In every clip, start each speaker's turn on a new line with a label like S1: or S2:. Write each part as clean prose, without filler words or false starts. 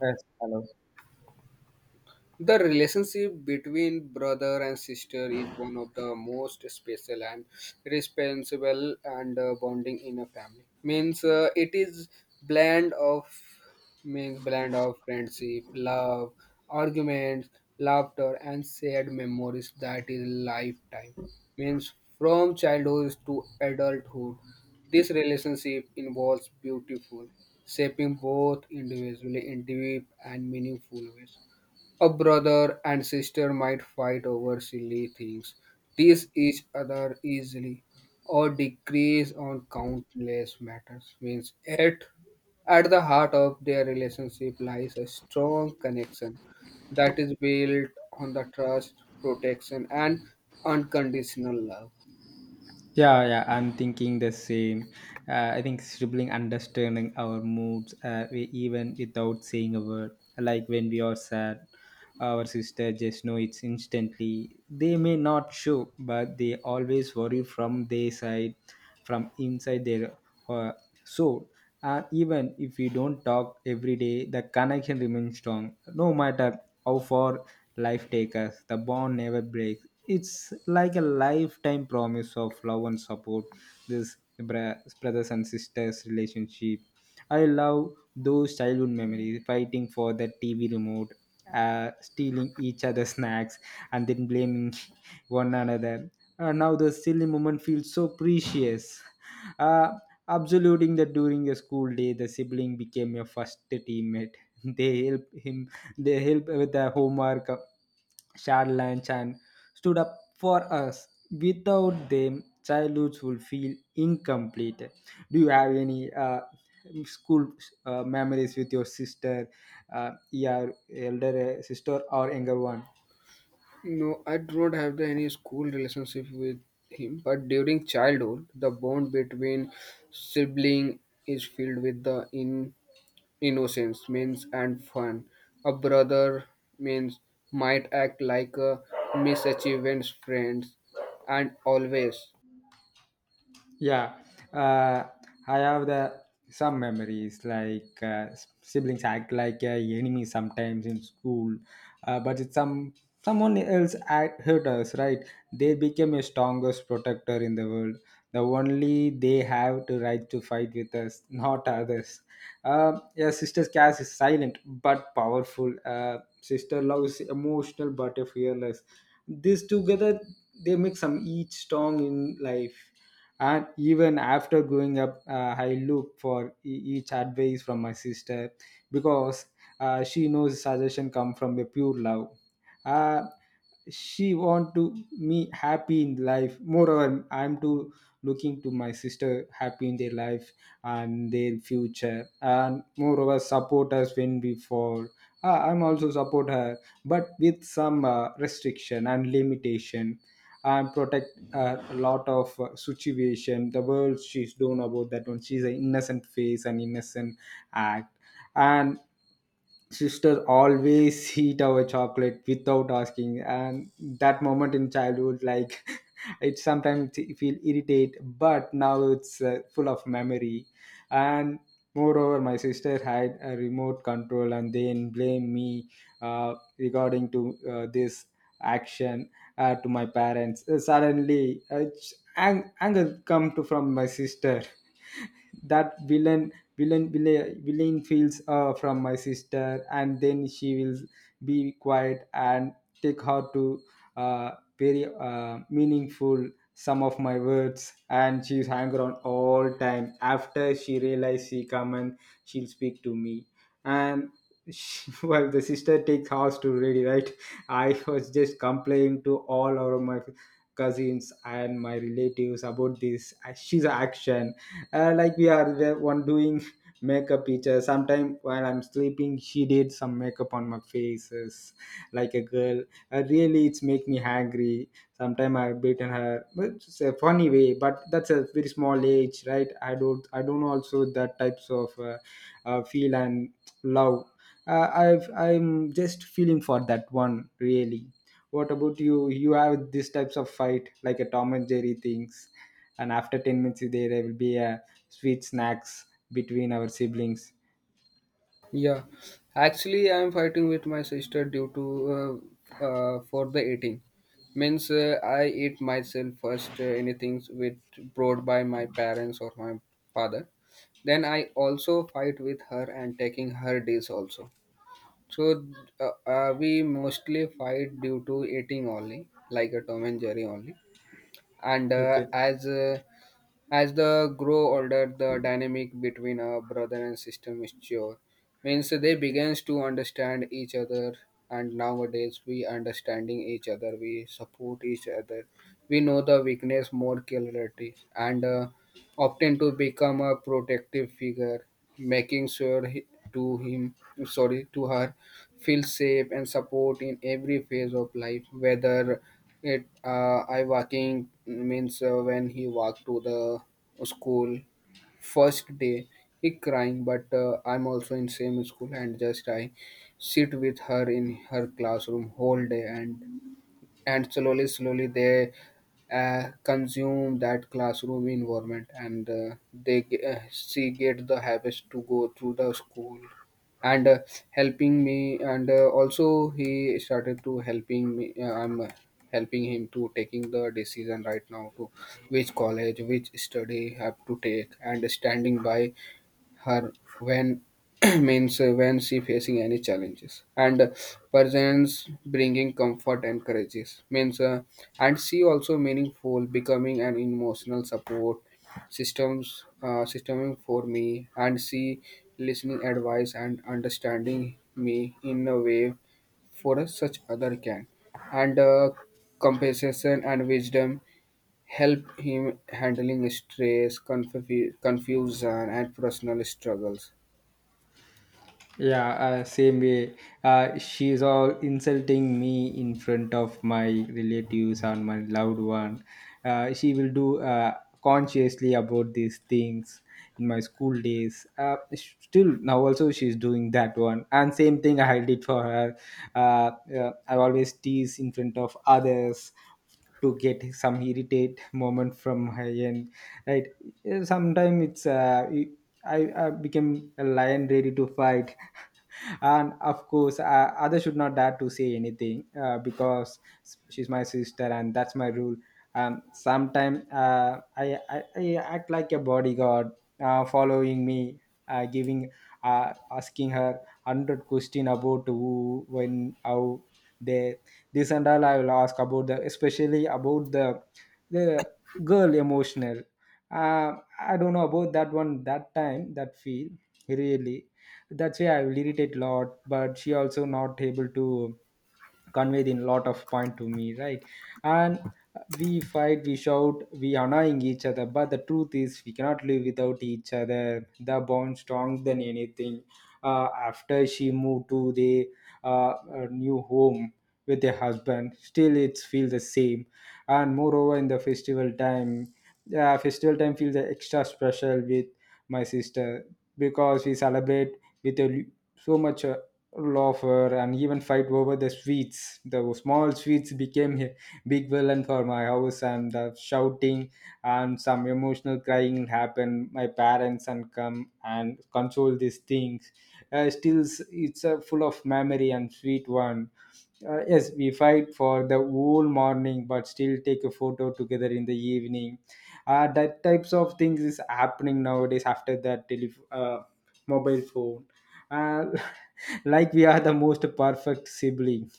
S1: Yes, hello.
S2: The relationship between brother and sister is one of the most special and responsible and bonding in a family. Means It is blend of means blend of friendship, love, arguments, laughter, and shared memories that is lifetime. Means From childhood to adulthood, this relationship involves beautiful, shaping both individually in deep and meaningful ways. A brother and sister might fight over silly things, tease each other easily, or decrease on countless matters. Means At the heart of their relationship lies a strong connection that is built on the trust, protection, and unconditional love.
S1: Yeah, yeah, I'm thinking the same. I think sibling understanding our moods, we, even without saying a word. Like when we are sad, our sister just know it's instantly. They may not show, but they always worry from their side, from inside their uh, soul. Even if we don't talk every day, the connection remains strong. No matter how far life takes us, the bond never breaks. It's like a lifetime promise of love and support. This brothers and sisters relationship. I love those childhood memories, fighting for the TV remote, stealing each other's snacks, and then blaming one another. Now the silly moment feels so precious, uh, absoluting that during the school day, the sibling became your first teammate. they help him they help with the homework, shared lunch, and stood up for us. Without them, childhoods will feel incomplete. Do you have any school memories with your sister, your elder sister, or younger one?
S2: No, I don't have any school relationship with him, but during childhood, the bond between sibling is filled with the innocence means and fun. A brother means might act like a misachievance friends and always.
S1: Yeah, uh, I have the some memories, like, siblings act like a enemy sometimes in school, but it's, someone else act, hurt us, right? They became a strongest protector in the world. The only they have to right to fight with us, not others. Yeah, sister Cass is silent but powerful. Sister love is emotional but fearless. This together, they make some each strong in life. And even after growing up, I look for each advice from my sister, because, she knows suggestion come from a pure love. Uh, she want to me happy in life. Moreover, I'm too looking to my sister happy in their life, and their future, and moreover support us when we fall. I'm also support her, but with some, restriction and limitation, and protect, a lot of, situation the world she's doing about that one. She's an innocent face and innocent act. And sister always eat our chocolate without asking. And that moment in childhood, like, it sometimes feel irritate, but now it's, full of memory. And moreover, my sister had a remote control and then blame me, regarding to, this action, to my parents. Suddenly, anger come to from my sister. That villain villain villain, villain feels, from my sister, and then she will be quiet and take her to, uh, very meaningful some of my words. And she's hang around all time. After she realize, she come and she'll speak to me. And she, well, the sister takes house to ready, right? I was just complaining to all of my cousins and my relatives about this. She's action, like we are the one doing makeup each other. Sometime while I'm sleeping, she did some makeup on my faces, like a girl. Really, it's make me angry. Sometime I've beaten her, but it's a funny way. But that's a very small age, right? I don't also that types of, feel and love. I'm just feeling for that one really. What about you? You have these types of fight, like a Tom and Jerry things, and after 10 minutes there will be a sweet snacks between our siblings.
S2: Yeah, actually, I am fighting with my sister due to uh, for the eating. Means I eat myself first. Anything with brought by my parents or my father. Then I also fight with her and taking her dish also. So we mostly fight due to eating only, like a Tom and Jerry only. And
S1: Okay.
S2: as the grow older, the dynamic between a brother and sister mature, means they begins to understand each other. And nowadays we understanding each other, we support each other, we know the weakness more clarity, and often to become a protective figure, making sure he, to him, sorry, to her, feel safe and support in every phase of life. Whether it I walking means when he walked to the school first day, he crying, but I'm also in same school and just I sit with her in her classroom whole day and slowly slowly they consume that classroom environment and they see get the habits to go through the school and helping me and also he started to helping me I'm helping him to taking the decision right now to which college which study have to take and standing by her when means when she facing any challenges and presence bringing comfort and courageous means and she also meaningful becoming an emotional support systems systeming for me and she listening advice and understanding me in a way for us such other can and compensation and wisdom help him handling stress, confusion, and personal struggles.
S1: Yeah, same way. She's all insulting me in front of my relatives and my loved one. She will do, consciously about these things in my school days. Still now also she's doing that one. And same thing I did for her. I always tease in front of others to get some irritate moment from her end, right? Sometimes it's, I became a lion ready to fight, and of course, others should not dare to say anything, because she's my sister and that's my rule. And sometimes, I act like a bodyguard, following me, giving, asking her 100 question about who, when, how, they, this, and all I will ask about, the especially about the girl emotional. Uh, I don't know about that one, that time that feel really. That's why I will irritate lot, but she also not able to convey the lot of point to me, right? And we fight, we shout, we annoying each other, but the truth is we cannot live without each other. The bond strong than anything. Uh, after she moved to the, new home with her husband, still it feels the same. And moreover, in the festival time feels extra special with my sister, because we celebrate with, so much, laughter, and even fight over the sweets. The small sweets became a big villain for my house, and the shouting and some emotional crying happened. My parents and come and console these things. Still, it's, full of memory and sweet one. Yes, we fight for the whole morning, but still take a photo together in the evening. That types of things is happening nowadays after that, mobile phone, uh, like we are the most perfect sibling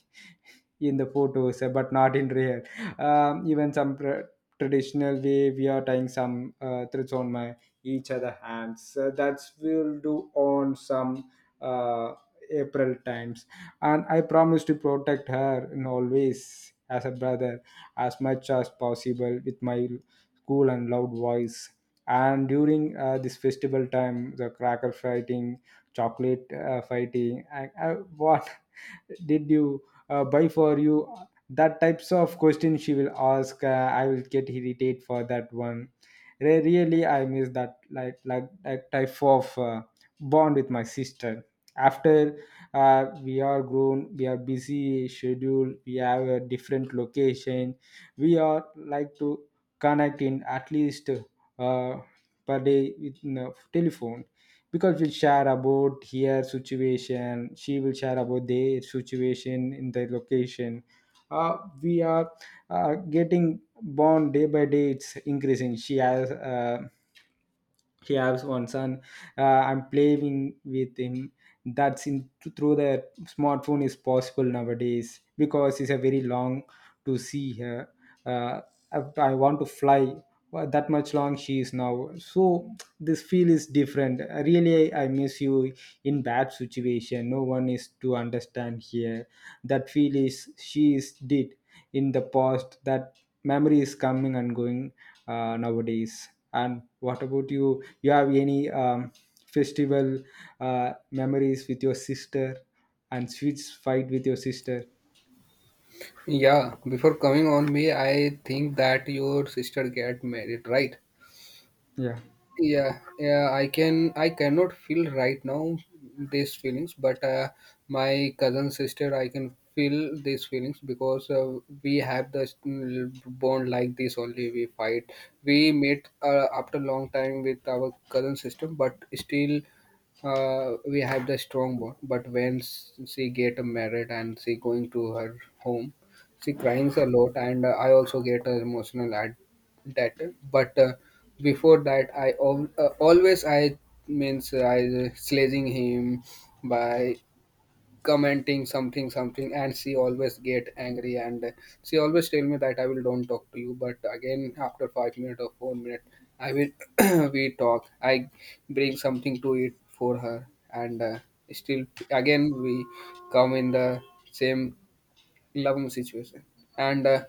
S1: in the photos, but not in real. Even some, traditional way, we are tying some, threads on my each other hands. That's will do on some, uh, April times, and I promise to protect her in always as a brother, as much as possible, with my cool and loud voice. And during, this festival time, the cracker fighting, chocolate, fighting, what did you, buy for you, that types of question she will ask. Uh, I will get irritated for that one. Really, I miss that, like type of, bond with my sister. After, we are grown, we are busy schedule, we have a different location. We are like to connect in, at least, uh, per day with telephone, because we'll share about her situation, she will share about their situation in their location. Uh, we are, getting born day by day. It's increasing. She has one son. Uh, I'm playing with him. That's in, through the smartphone is possible nowadays, because it's a very long to see her. Uh, i I want to fly. Well, that much long she is now, so this feel is different. Really, I miss you. In bad situation, no one is to understand here. That feel is she is did in the past. That memory is coming and going, nowadays. And what about you have any, festival, memories with your sister and switch fight with your sister?
S2: Yeah, before coming on me, I think that your sister get married, right?
S1: Yeah.
S2: Yeah, yeah, I cannot feel right now these feelings, but my cousin sister I can feel these feelings because we have the bond like this only. We fight. We met after long time with our cousin sister, but still we have the strong bond. But when she get married and she going to her home, she cries a lot, and I also get emotional at that. But before that always I, means I sledging him by commenting something something, and she always get angry, and she always tell me that I will don't talk to you. But again after 5 minute or 4 minute I will we talk. I bring something to it for her, and still again we come in the same loving situation. and uh,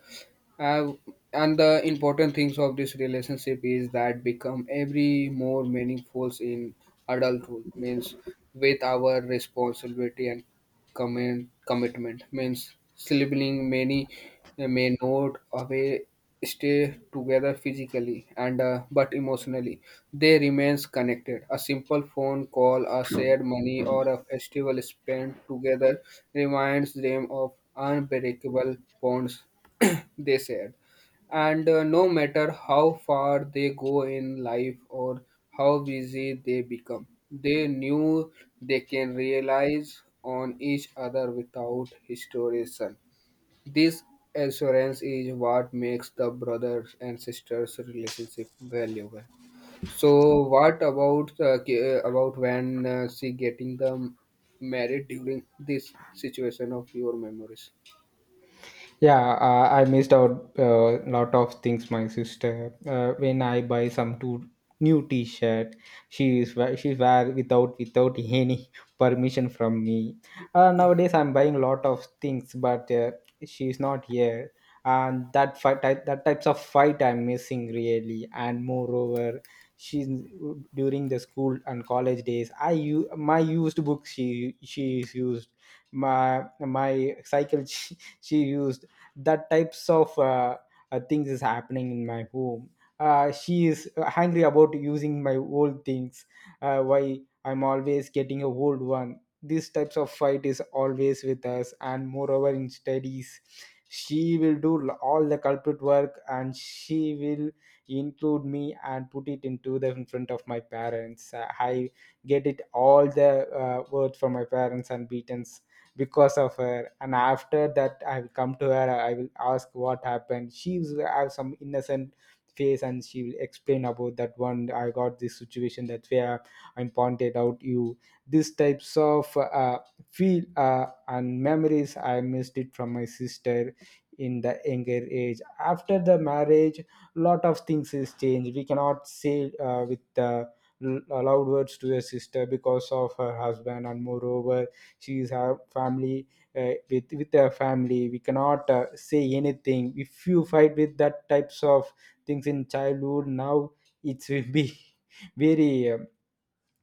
S2: uh, and the important things of this relationship is that become every more meaningful in adulthood. Means With our responsibility and commitment, means sibling many may not away stay together physically and but emotionally they remains connected. A simple phone call, a shared money, or a festival spent together reminds them of unbreakable bonds, they said. And no matter how far they go in life or how busy they become, they knew they can rely on each other without hesitation. This assurance is what makes the brothers and sisters relationship valuable. So, what about about when she getting the married during this situation of your memories?
S1: Yeah, I missed out a lot of things. My sister, when I buy some two new T-shirt, she wear without any permission from me. Nowadays, I'm buying a lot of things, but, she is not here, and that types of fight I'm missing really. And moreover, she's during the school and college days. My used book. She is used my cycle. She used that types of, things is happening in my home. Uh, she is angry about using my old things. Uh, why I'm always getting a old one. These types of fight is always with us. And moreover, in studies, she will do all the culprit work, and she will include me and put it into the in front of my parents. I get it all the, words from my parents, and beatings, because of her. And after that, I will come to her, I will ask what happened. She will have some innocent face, and she will explain about that one. I got this situation that where I pointed out you. These types of, feel, and memories I missed it from my sister in the younger age. After the marriage, lot of things is changed. We cannot say, with the, loud words to your sister because of her husband. And moreover, she is her family. Uh, with her family, we cannot, say anything. If you fight with that types of things in childhood, now it will be, very,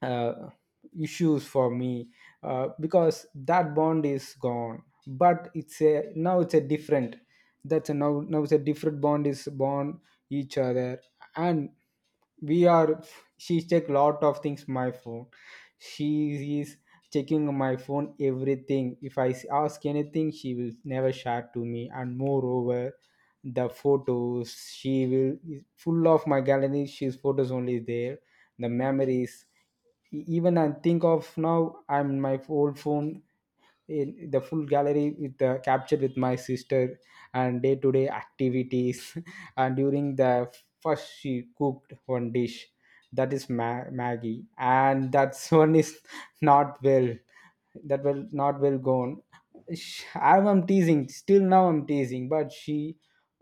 S1: uh, issues for me, because that bond is gone. But it's a now it's a different. That's a, now it's a different bond is born, each other. And we are she's check lot of things my phone. She is checking my phone everything. If I ask anything, she will never share to me. And moreover, the photos, she will is full of my gallery, she's photos only there, the memories. Even I think of now, I'm my old phone in the full gallery, with the capture with my sister And day to day activities and during the first she cooked one dish, that is maggie, and that's one is not well, that will not well gone. I'm teasing, still now I'm teasing, but she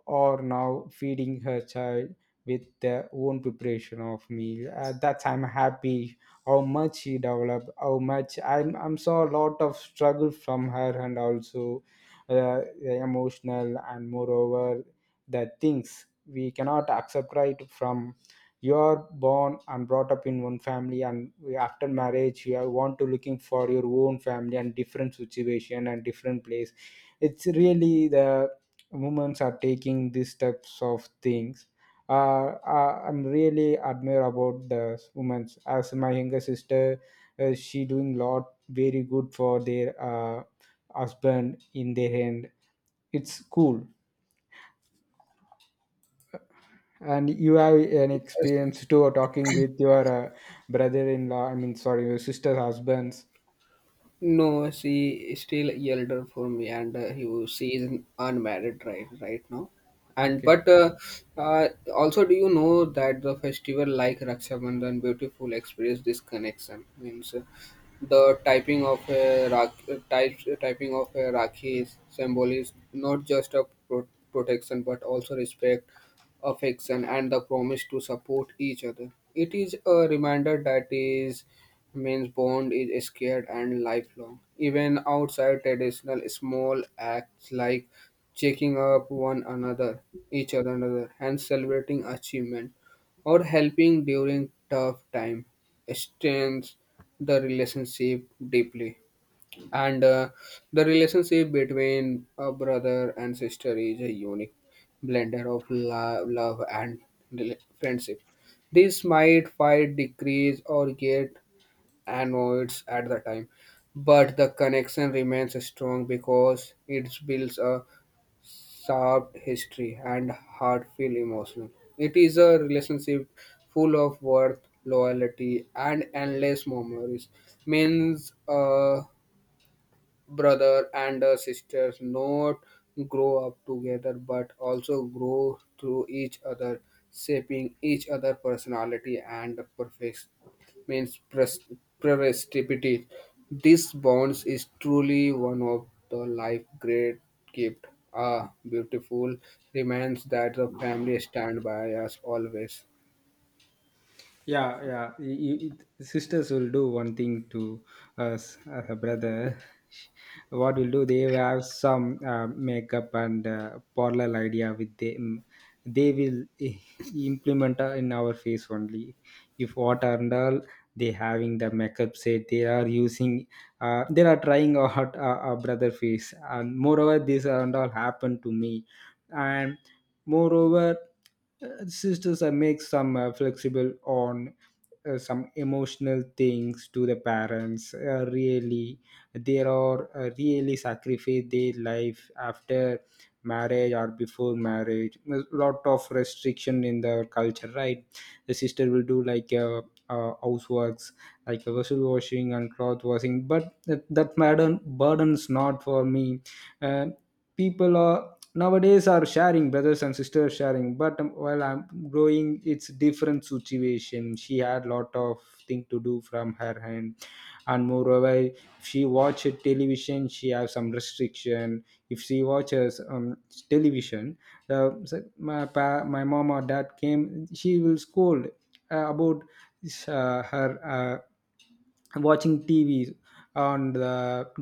S1: are now feeding her child with their own preparation of meal. At that time happy how much she developed, how much I'm saw a lot of struggle from her, and also emotional. And moreover the things we cannot accept right from you are born and brought up in one family, and after marriage you are want to looking for your own family and different situation and different place. It's really the women are taking these types of things. uh, I'm really admire about the women as my younger sister. She doing lot very good for their husband in their hand. It's cool. And you have an experience too talking with your brother-in-law, I mean, sorry, your sister's husbands.
S2: No, she is still elder for me, and she is unmarried right now. And
S1: Okay.
S2: but uh, also, do you know that the festival like Raksha Bandhan beautiful express this connection means? The typing of a rakhi symbol is not just a protection but also respect, affection, and the promise to support each other. It is a reminder that is means bond is scared and lifelong. Even outside traditional, small acts like checking up one another, each other, another, and celebrating achievement or helping during tough time strengths the relationship deeply. And the relationship between a brother and sister is a unique blender of love and friendship. This might fight decrease or get annoyed at the time, but the connection remains strong because it builds a sharp history and heartfelt emotion. It is a relationship full of worth, loyalty, and endless memories. Means Brother and a sister not grow up together but also grow through each other, shaping each other personality and perfect, means pres- prestige. This bonds is truly one of the life great gift. Ah, beautiful remains that the family stand by us always.
S1: Yeah, yeah. Sisters will do one thing to us as a brother. What will do? They will have some makeup and parallel idea with them. They will i- implement in our face only. If what and all they having the makeup set, they are using. They are trying out our brother face, and moreover, this and all happened to me. And moreover, sisters make some flexible on some emotional things to the parents. Really, they are really sacrifice their life after marriage or before marriage. A lot of restriction in the culture, right? The sister will do like houseworks, like vessel washing and cloth washing, but that burdens not for me. Uh, People are nowadays are sharing, brothers and sisters sharing, but while I'm growing it's different situation. She had lot of thing to do from her hand, and moreover if she watch television she have some restriction. If she watches television, so my mom or dad came she will scold about her watching tv on the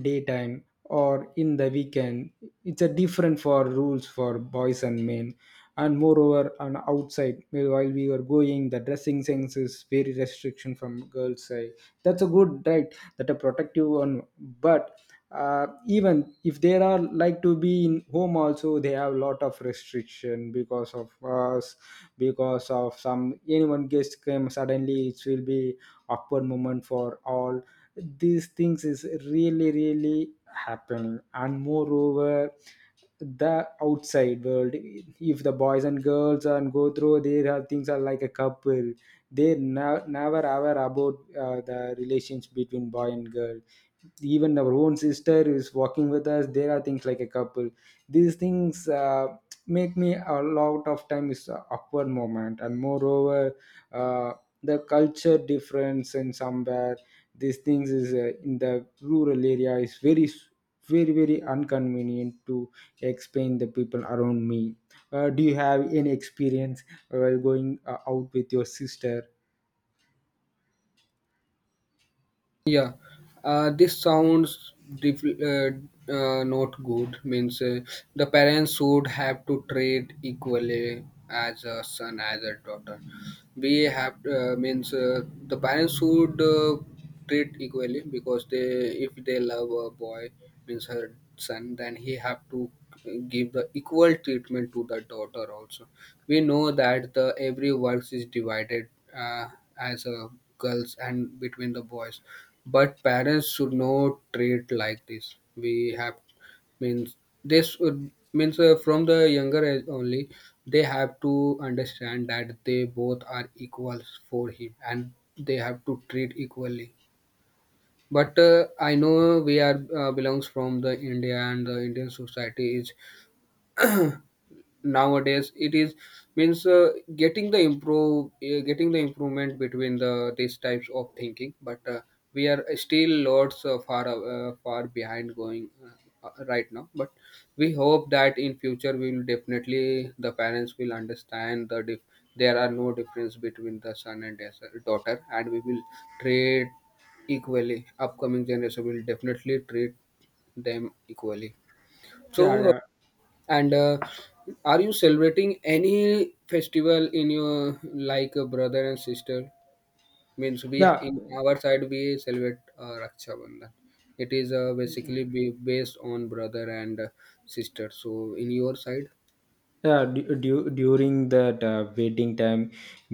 S1: daytime or in the weekend. It's a different for rules for boys and men. And moreover on outside, well, while we were going, the dressing sense is very restriction from girls side. That's a good, right, that a protective one. But even if there are like to be in home also, they have a lot of restriction because of us, because of some anyone guest came suddenly, it will be awkward moment for all. These things is really really happening, and moreover, the outside world if the boys and girls and go through, there are things are like a couple. They never ever about the relations between boy and girl. Even our own sister is walking with us, there are things like a couple. These things, make me a lot of time is a awkward moment. And moreover, uh, the culture difference and somewhere these things is in the rural area is very very very inconvenient to explain the people around me. Do you have any experience while going out with your sister?
S2: Yeah, this sounds dif- uh, not good. Means The parents should have to treat equally as a son as a daughter. We have means the parents should treat equally because they, if they love a boy, means her son, then he have to give the equal treatment to the daughter also. We know that the every works is divided uh, as a girls and between the boys, but parents should not treat like this. We have means this would means from the younger age only they have to understand that they both are equals for him and they have to treat equally. But I know we are belongs from the India, and the Indian society is nowadays it is means getting the improvement between the these types of thinking. But we are still lots far behind going right now. But we hope that in future we will definitely the parents will understand the there are no difference between the son and daughter, and we will treat equally. Upcoming generation will definitely treat them equally. So
S1: Yeah, yeah.
S2: and are you celebrating any festival in your like a brother and sister? Means we
S1: Yeah,
S2: in our side we celebrate Raksha Bandhan. It is basically be based on brother and sister. So in your side.
S1: yeah. During that waiting time,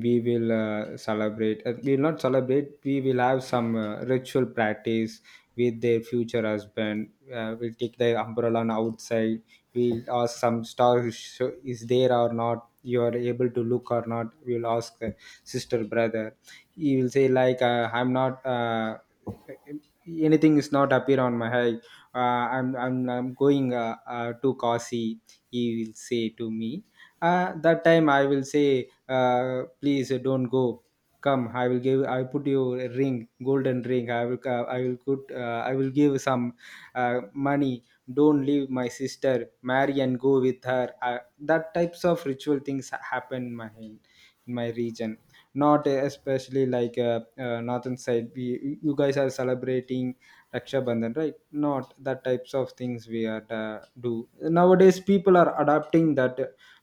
S1: we will celebrate, we will not celebrate, we will have some ritual practice with their future husband. We'll take the umbrella on outside, we'll ask some star is is there or not, you are able to look or not. We'll ask the sister, brother, he will say like I'm not anything is not appear on my eye. I'm going to kasi, he will say to me. That time I will say, please don't go, come, I will give, I put you a ring, golden ring, I will I will put I will give some money, don't leave my sister, marry and go with her. That types of ritual things happen in my region. Not especially like northern side we, you guys are celebrating Raksha Bandhan, right? Not that types of things we are do nowadays. People are adapting that.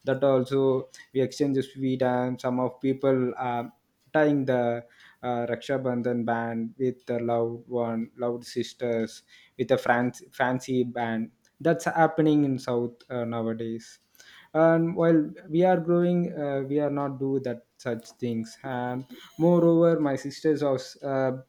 S1: That also we exchange sweet and some of people are tying the Raksha Bandhan band with the loved one, loved sisters, with a fancy band. That's happening in South nowadays. And while we are growing, we are not do that such things. And moreover, my sisters was. Uh,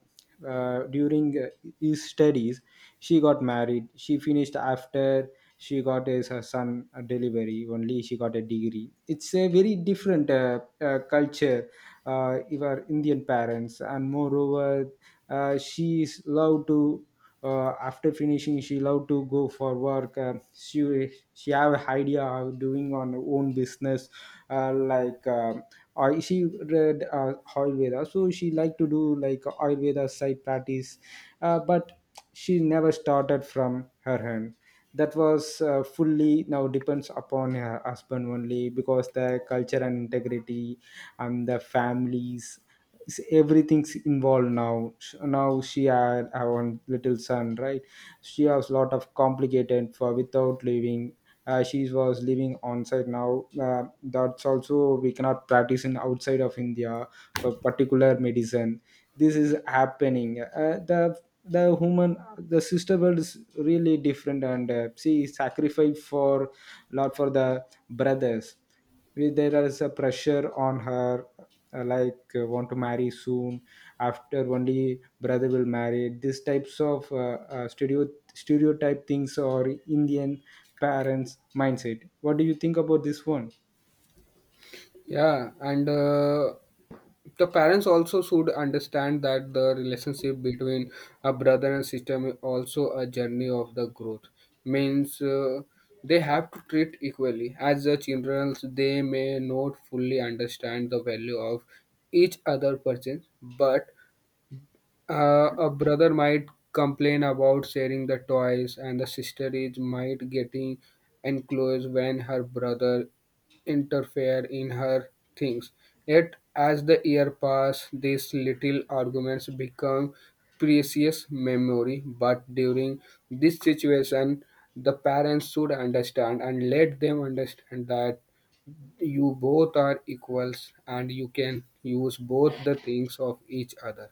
S1: uh, During his studies she got married. She finished, after she got his her son a delivery only, she got a degree. It's a very different culture of our indian parents. And moreover, she is allowed to after finishing she allowed to go for work. She have idea of doing on her own business, uh, like uh, I she read Ayurveda, so she liked to do like Ayurveda side practice, but she never started from her hand. That was fully now depends upon her husband only, because the culture and integrity and the families, everything's involved now. Now she had her own little son, right, she has lot of complicated for without leaving. She was living on site now. That's also we cannot practice in outside of india for particular medicine. This is happening, the human, the sister world is really different. And she sacrificed for lot for the brothers. There is a pressure on her like want to marry soon, after only brother will marry. These types of stereotype things or indian parents mindset, what do you think about this one?
S2: Yeah, and the parents also should understand that the relationship between a brother and sister is also a journey of the growth. Means They have to treat equally. As the children, they may not fully understand the value of each other person, but a brother might complain about sharing the toys, and the sister is might getting enclosed when her brother interfere in her things. Yet, as the year pass, these little arguments become precious memory. But during this situation, the parents should understand and let them understand that you both are equals and you can use both the things of each other.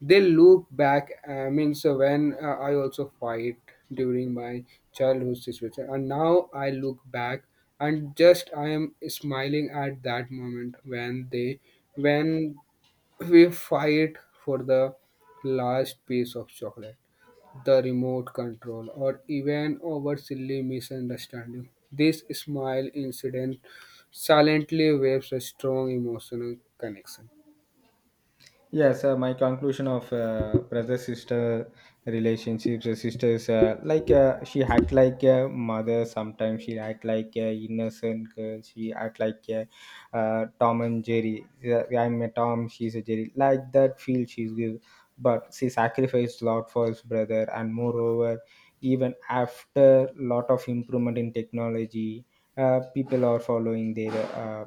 S2: They look back. I mean, so when I also fight during my childhood situation, and now I look back and just I am smiling at that moment when they when we fight for the last piece of chocolate, the remote control, or even over silly misunderstanding. This smile incident silently waves a strong emotional connection.
S1: Yes, my conclusion of brother sister relationships, sisters like she act like a mother sometimes, she act like a innocent girl, she act like a Tom and Jerry. Yeah, I'm a Tom, she's a Jerry. Like that feel she's give, but she sacrificed lot for his brother. And moreover, even after lot of improvement in technology, people are following their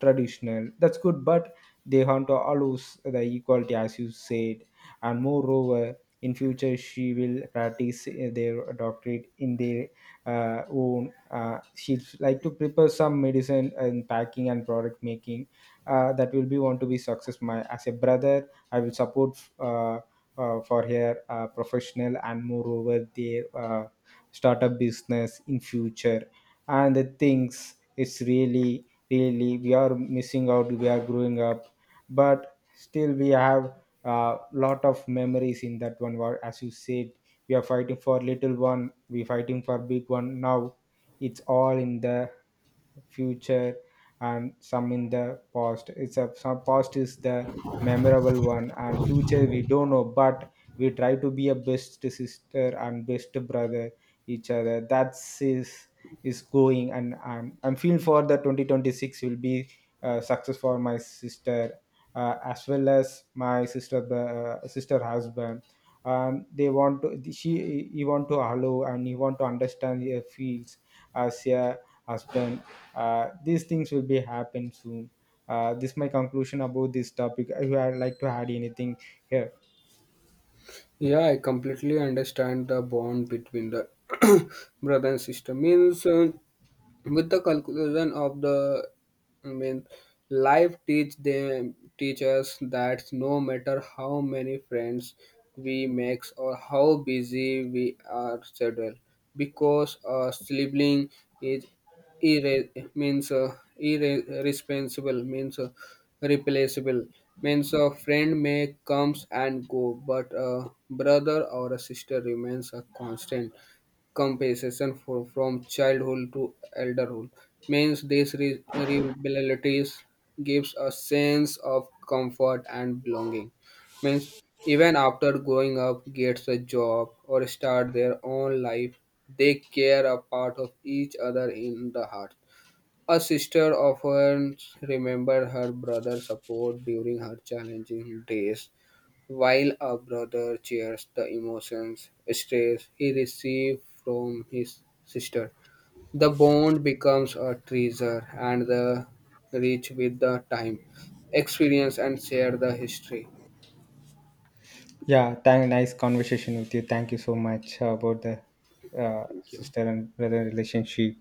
S1: traditional. That's good, but they want to allows the equality, as you said. And moreover in future she will practice their doctorate in their own, she'd like to prepare some medicine and packing and product making. That will be want to be success. My as a brother I will support for her professional and moreover their startup business in future. And the things, it's really really we are missing out, we are growing up, but still we have a lot of memories in that one. Where, as you said, we are fighting for little one, we fighting for big one now. It's all in the future, and some in the past. It's a, some past is the memorable one, and future we don't know. But we try to be a best sister and best brother each other. That's is going. And I'm feeling for the 2026 will be success for my sister, as well as my sister husband. They want to, she, he want to allow, and he want to understand her feels as a husband. These things will be happen soon. This my conclusion about this topic. If you would like to add anything here.
S2: Yeah, I completely understand the bond between the brother and sister. Means With the conclusion of the, I mean, life teach them teach us that no matter how many friends we make or how busy we are schedule, because a sibling is irre- means irresponsible means replaceable. Means a friend may comes and go, but a brother or a sister remains a constant compensation for, from childhood to elderhood. Means these reliabilities gives a sense of comfort and belonging. Means even after growing up gets a job or start their own life, they care a part of each other in the heart. A sister often remembers her brother's support during her challenging days, while a brother shares the emotions, stress he receives from his sister. The bond becomes a treasure and the rich with the time, experience, and share the history.
S1: Yeah, thank, nice conversation with you. Thank you so much about the
S2: Thank you.
S1: sister and brother relationship.